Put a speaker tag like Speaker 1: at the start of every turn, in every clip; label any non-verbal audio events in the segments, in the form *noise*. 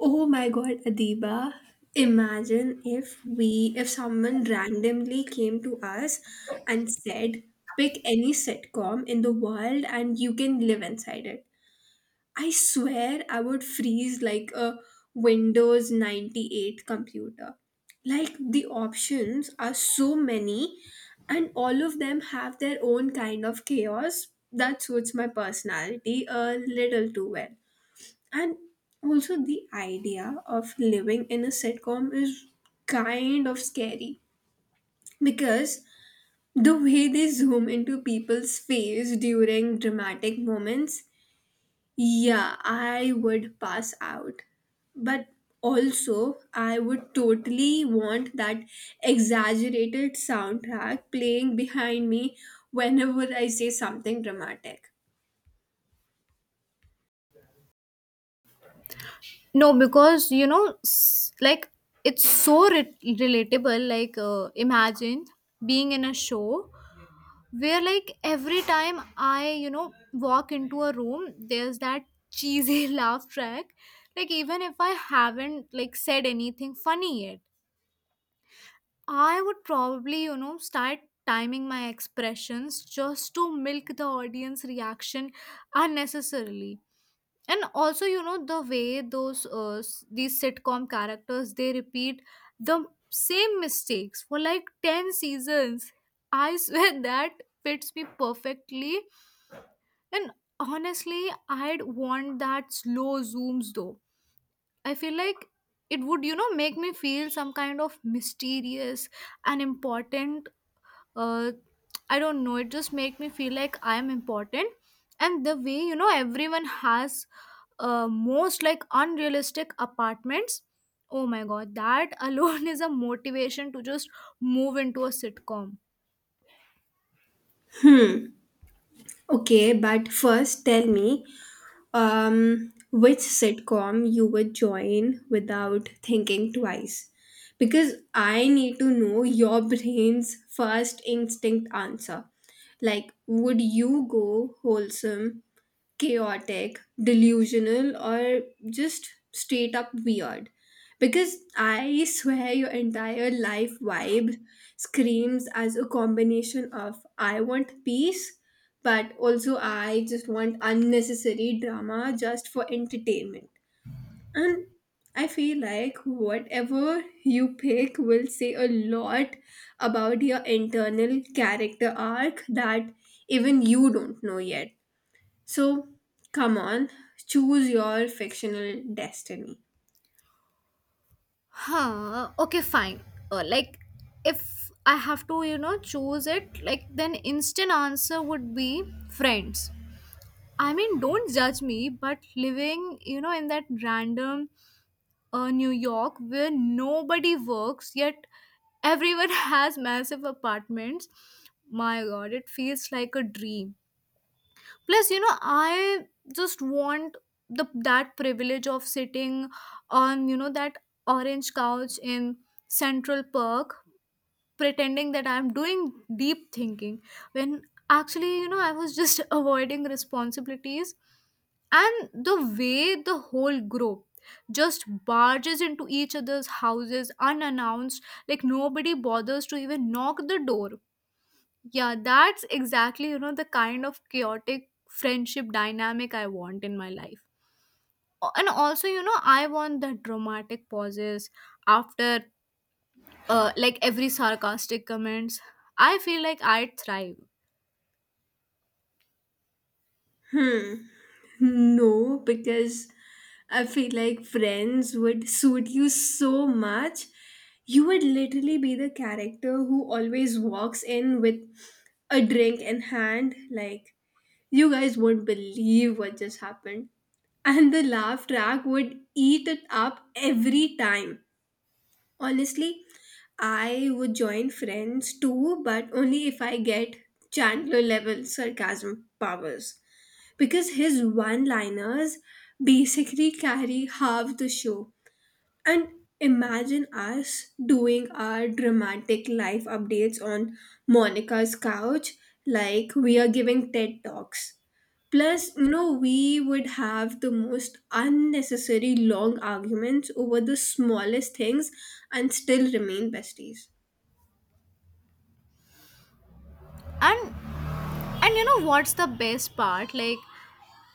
Speaker 1: Oh my god, Adiba. Imagine if someone randomly came to us and said, pick any sitcom in the world and you can live inside it. I swear I would freeze like a Windows 98 computer. Like the options are so many, and all of them have their own kind of chaos that suits my personality a little too well. And also, the idea of living in a sitcom is kind of scary because the way they zoom into people's face during dramatic moments, yeah, I would pass out. But also, I would totally want that exaggerated soundtrack playing behind me whenever I say something dramatic.
Speaker 2: No, because it's so relatable. Imagine being in a show where, like, every time I, walk into a room, there's that cheesy *laughs* laugh track. Like, even if I haven't, like, said anything funny yet, I would probably, start timing my expressions just to milk the audience reaction unnecessarily. And also the way those these sitcom characters, they repeat the same mistakes for like 10 seasons. I *laughs* swear that fits me perfectly. And honestly, I'd want that slow zooms though. I feel like it would, make me feel some kind of mysterious and important. uh, I don't know. It just make me feel like I am important. And the way everyone has most like unrealistic apartments. Oh my god, that alone *laughs* is a motivation to just move into a sitcom.
Speaker 1: Okay, but first tell me which sitcom you would join without thinking twice. Because I need to know your brain's first instinct answer. Like, would you go wholesome, chaotic, delusional, or just straight up weird? Because I swear your entire life vibe screams as a combination of I want peace, but also I just want unnecessary drama just for entertainment. And I feel like whatever you pick will say a lot about your internal character arc that even you don't know yet. So, come on, choose your fictional destiny.
Speaker 2: Huh. Okay, fine. Like, if I have to choose it, like then instant answer would be Friends. I mean, don't judge me, but living, in that random New York where nobody works yet everyone *laughs* has massive apartments. My god, it feels like a dream. Plus, I just want the that privilege of sitting on, that orange couch in Central Park pretending that I'm doing deep thinking when actually, I was just *laughs* avoiding responsibilities. And the way the whole group just barges into each other's houses unannounced, like nobody bothers to even knock the door. Yeah, that's exactly, the kind of chaotic friendship dynamic I want in my life. And also, I want the dramatic pauses after like every sarcastic comments. I feel like I thrive.
Speaker 1: Hmm, no, because I feel like Friends would suit you so much. You would literally be the character who always walks in with a drink in hand. Like, you guys won't believe what just happened. And the laugh track would eat it up every time. Honestly, I would join Friends too, but only if I get Chandler level sarcasm powers. Because his one liners basically carry half the show. And imagine us doing our dramatic life updates on Monica's couch, like we are giving TED Talks. Plus, you know, we would have the most unnecessary long arguments over the smallest things and still remain besties.
Speaker 2: And and what's the best part?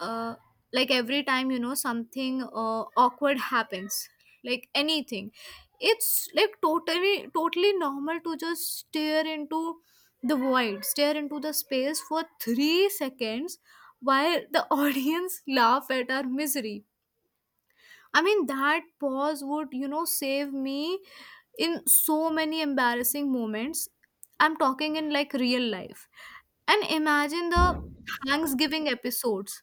Speaker 2: uh, like every time something awkward happens, like anything, it's like totally normal to just stare into the space for 3 seconds while the *laughs* audience laugh at our misery. I mean, that pause would, save me in so many embarrassing moments. I'm talking in like real life. And imagine the Thanksgiving episodes.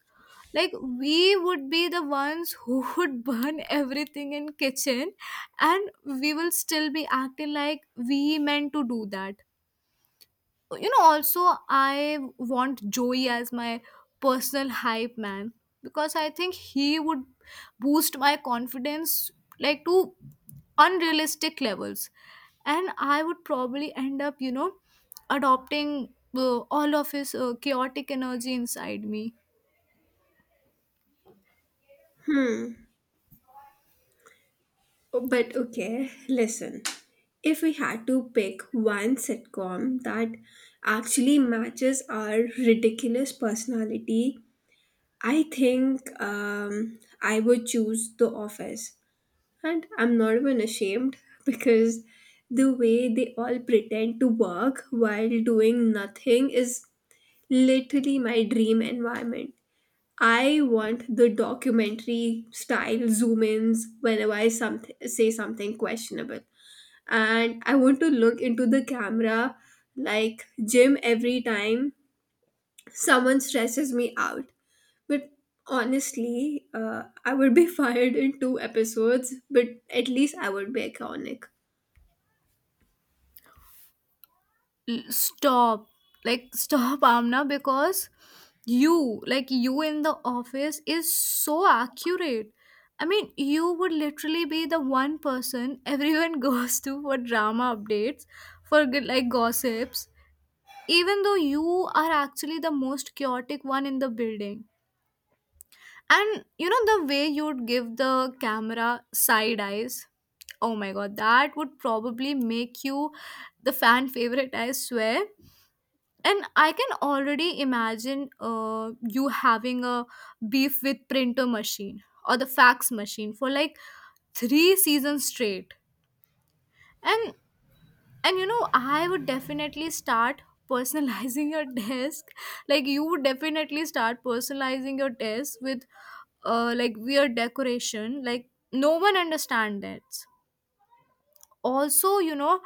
Speaker 2: Like, we would be the ones who *laughs* would burn everything in kitchen, and we will still be acting like we meant to do that. Also, I want Joey as my personal hype man, because I think he would boost my confidence like to unrealistic levels. And I would probably end up, adopting all of his chaotic energy inside me.
Speaker 1: Hmm. Oh, but okay, listen. If we had to pick one sitcom that actually matches our ridiculous personality, I think I would choose The Office. And I'm not even ashamed *laughs* because the way they all pretend to work while doing nothing is literally my dream environment. I want the documentary style zoom ins whenever I say something questionable. And I want to look into the camera like Jim every time someone stresses me out. But honestly, I would be *laughs* fired in two episodes, but at least I would be iconic.
Speaker 2: Stop, like stop, *laughs* Amna, because you in The Office is so accurate. I mean, you would literally be the one person everyone *laughs* goes to for drama updates, for good like gossips, even though you are actually the most chaotic one in the building. And the way you'd give the camera side eyes, oh my god, that would probably make you the fan favorite, I swear. And I can already imagine you having a beef with printer machine or the fax machine for like three seasons straight. And and I would definitely start personalizing your *laughs* desk. Like, you would definitely start personalizing your desk with like weird decoration. Like no one understands that. Also,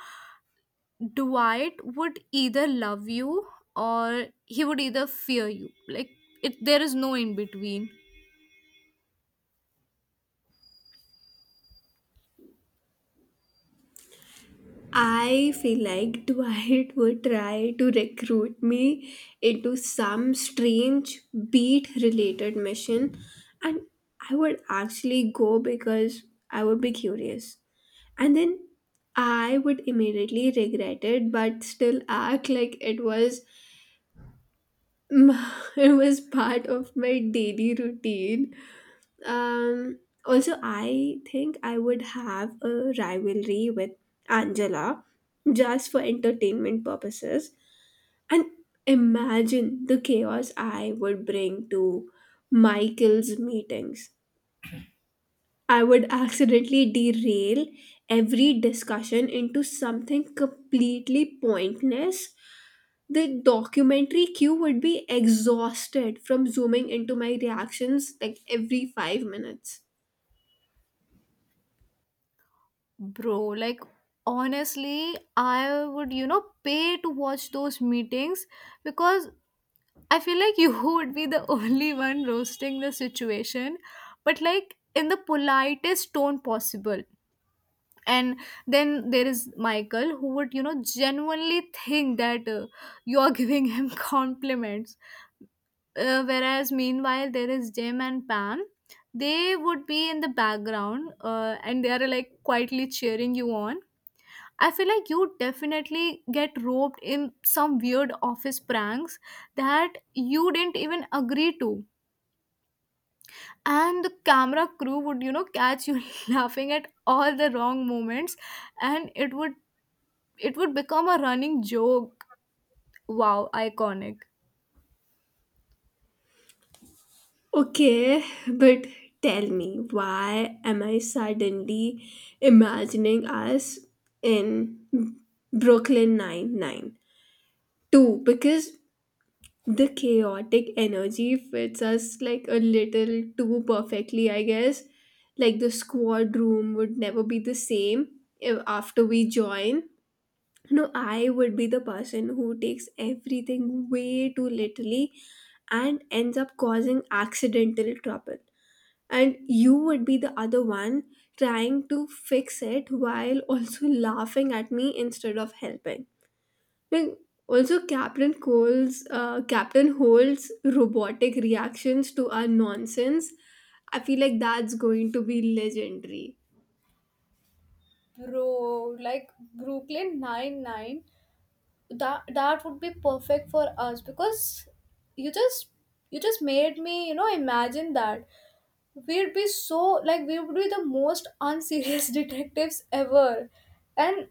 Speaker 2: Dwight would either love you or he would either fear you. Like, it there is no in between.
Speaker 1: I feel like Dwight *laughs* would try to recruit me into some strange beat related mission, and I would actually go because I would be curious. And then I would immediately regret it, but still act like it was *laughs* it was part of my daily routine. um, Also, I think I would have a rivalry with Angela just for entertainment purposes. And imagine the chaos I would bring to Michael's meetings. I would *laughs* accidentally derail every discussion into something completely pointless. The documentary queue would be exhausted from zooming into my reactions like every 5 minutes.
Speaker 2: Bro, like honestly, I would, pay to watch those meetings, because I feel like you *laughs* would be the only one roasting the situation, but like in the politest tone possible. And then there is Michael who would, genuinely think that you are giving him *laughs* compliments, whereas meanwhile there is Jim and Pam. They would be in the background and they are like quietly cheering you on. I feel like you definitely get roped in some weird office pranks that you didn't even agree to. And the camera crew would, catch you *laughs* laughing at all the wrong moments, and it would become a running joke. Wow, iconic.
Speaker 1: Okay, but tell me, why am I suddenly imagining us in Brooklyn Nine-Nine too? Because the chaotic energy fits us like a little too perfectly, I guess. Like the squad room would never be the same if after we join. No, I would be the person who takes everything way too literally and ends up causing accidental trouble, and you would be the other one trying to fix it while also *laughs* laughing at me instead of helping. Like, also, Captain Hole's robotic reactions to our nonsense. I feel like that's going to be legendary.
Speaker 2: Bro, like Brooklyn Nine-Nine, that would be perfect for us, because you just you just made me, imagine that we'd be so like we would be the most unserious *laughs* detectives ever. And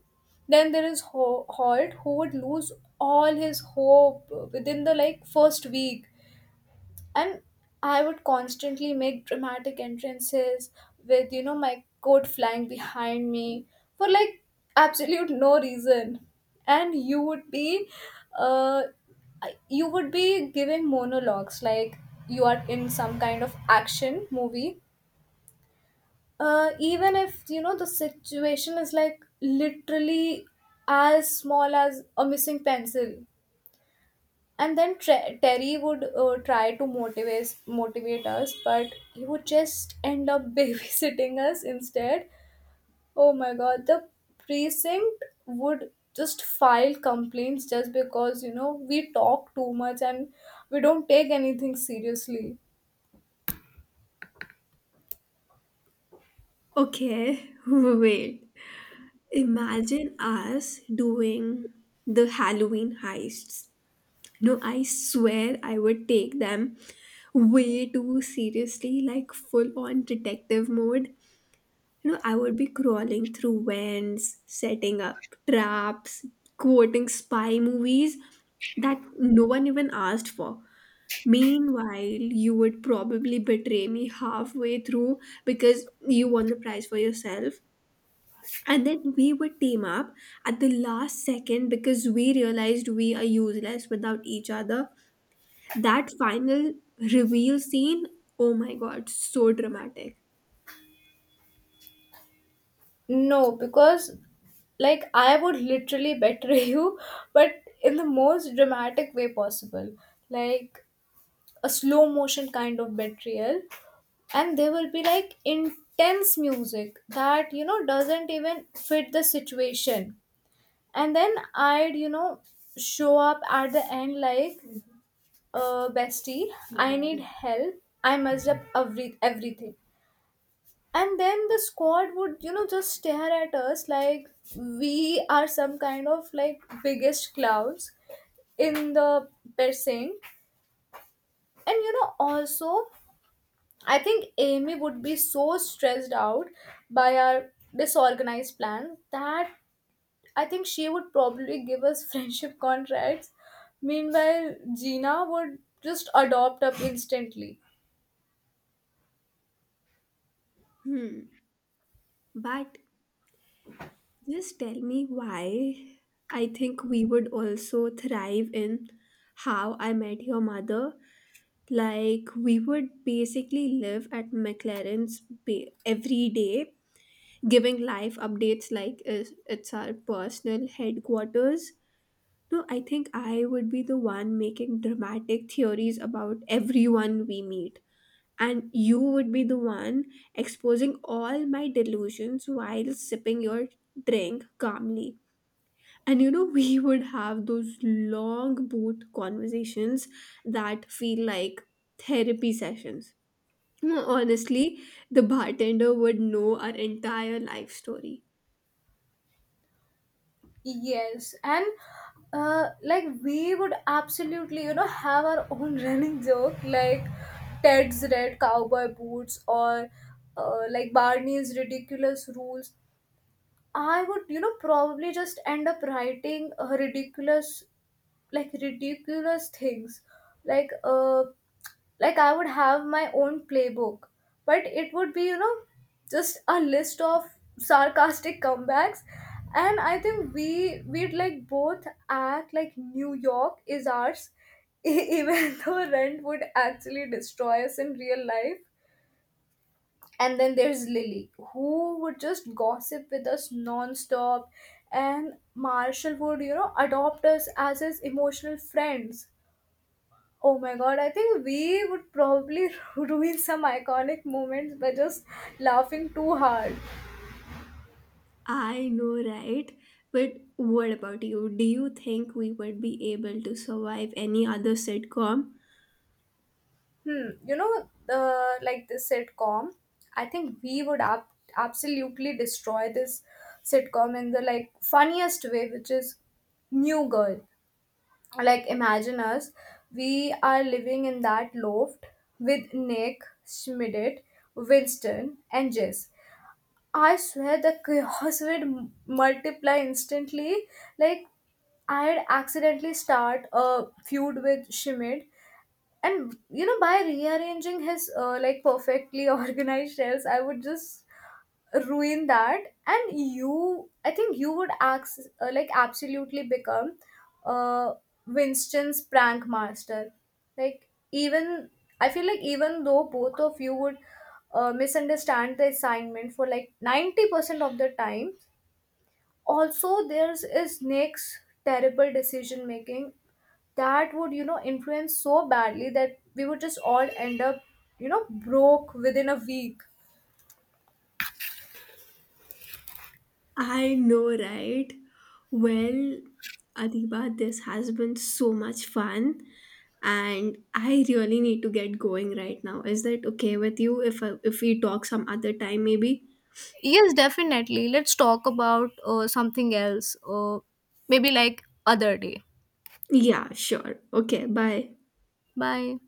Speaker 2: then there is Holt, who would lose all his hope within the like first week. And I would constantly make dramatic entrances with, my coat flying behind me for like absolute no reason. And uh, you would be giving monologues like you are in some kind of action movie, even if the situation is like literally as small as a missing pencil. And then Terry would try to motivate us, but he would just end up *laughs* babysitting us instead. Oh my god, the precinct would just file complaints just because we talk too much and we don't take anything seriously.
Speaker 1: Okay, *laughs* wait. Imagine us doing the Halloween heists. No, I swear I would take them way too seriously, like full on detective mode. You know, I would be crawling through vents, setting up traps, quoting spy movies that no one even asked for. Meanwhile, you would probably betray me halfway through because you won the prize for yourself. And then we would team up at the last second because we realized we are useless without each other. That final reveal scene, oh my god, so dramatic.
Speaker 2: No, because like I would literally betray *laughs* you, but in the most dramatic way possible, like a slow motion kind of betrayal. And there will be like intense music that, doesn't even fit the situation. And then I'd, show up at the end like, bestie, I need help, I messed up everything. And then the squad would, just stare at us like we are some kind of like biggest clowns in the piercing. And also, I think Amy would be so stressed out by our disorganized plans that I think she would probably give us *laughs* friendship contracts. Meanwhile, Gina would just adopt up instantly.
Speaker 1: Hmm. But just tell me why I think we would also thrive in How I Met Your Mother. Like, we would basically live at McLaren's every day, giving life updates like it's our personal headquarters. No, I think I would be the one making dramatic theories about everyone we meet, and you would be the one exposing all my delusions while sipping your drink calmly. And you know, *laughs* we would have those long booth conversations that feel like therapy sessions. No, honestly, the bartender would know our entire life story.
Speaker 2: Yes, and like we would absolutely, have our own *laughs* running joke, like Ted's red cowboy boots or like Barney's ridiculous rules. I would, probably just end up writing ridiculous things, like uh, like I would have my own playbook, but it would be, just a list of sarcastic comebacks. And I think we'd like both act like New York is ours, *laughs* even though Rent would actually destroy us in real life. And then there's Lily, who would just gossip with us non-stop, and Marshall would, adopt us as his emotional friends. Oh my god, I think we would probably *laughs* ruin some iconic moments by just laughing too hard.
Speaker 1: I know, right? But what about you? Do you think we would be able to survive any other sitcom?
Speaker 2: Hmm, you know, the like this sitcom, I think we would absolutely destroy this sitcom in the like funniest way, which is New Girl. Like imagine us, we are living in that loft with Nick, Schmidt, Winston, and Jess. I swear the chaos would multiply instantly. Like, I'd accidentally start a feud with Schmidt, and by rearranging his like perfectly *laughs* organized shelves, I would just ruin that. And you, I think you would like absolutely become uh, Winston's prank master. Like, even I feel like, even though both of you would misunderstand the assignment for like 90% of the time. Also, there's is Nick's terrible decision making that would, influence so badly that we would just all end up, broke within a week.
Speaker 1: I know, right? Well, Adiba, this has been so much fun, and I really need to get going right now. Is that okay with you if we talk some other time, maybe?
Speaker 2: Yes, definitely. Let's talk about something else, maybe like other day.
Speaker 1: Yeah, sure. Okay, bye.
Speaker 2: Bye.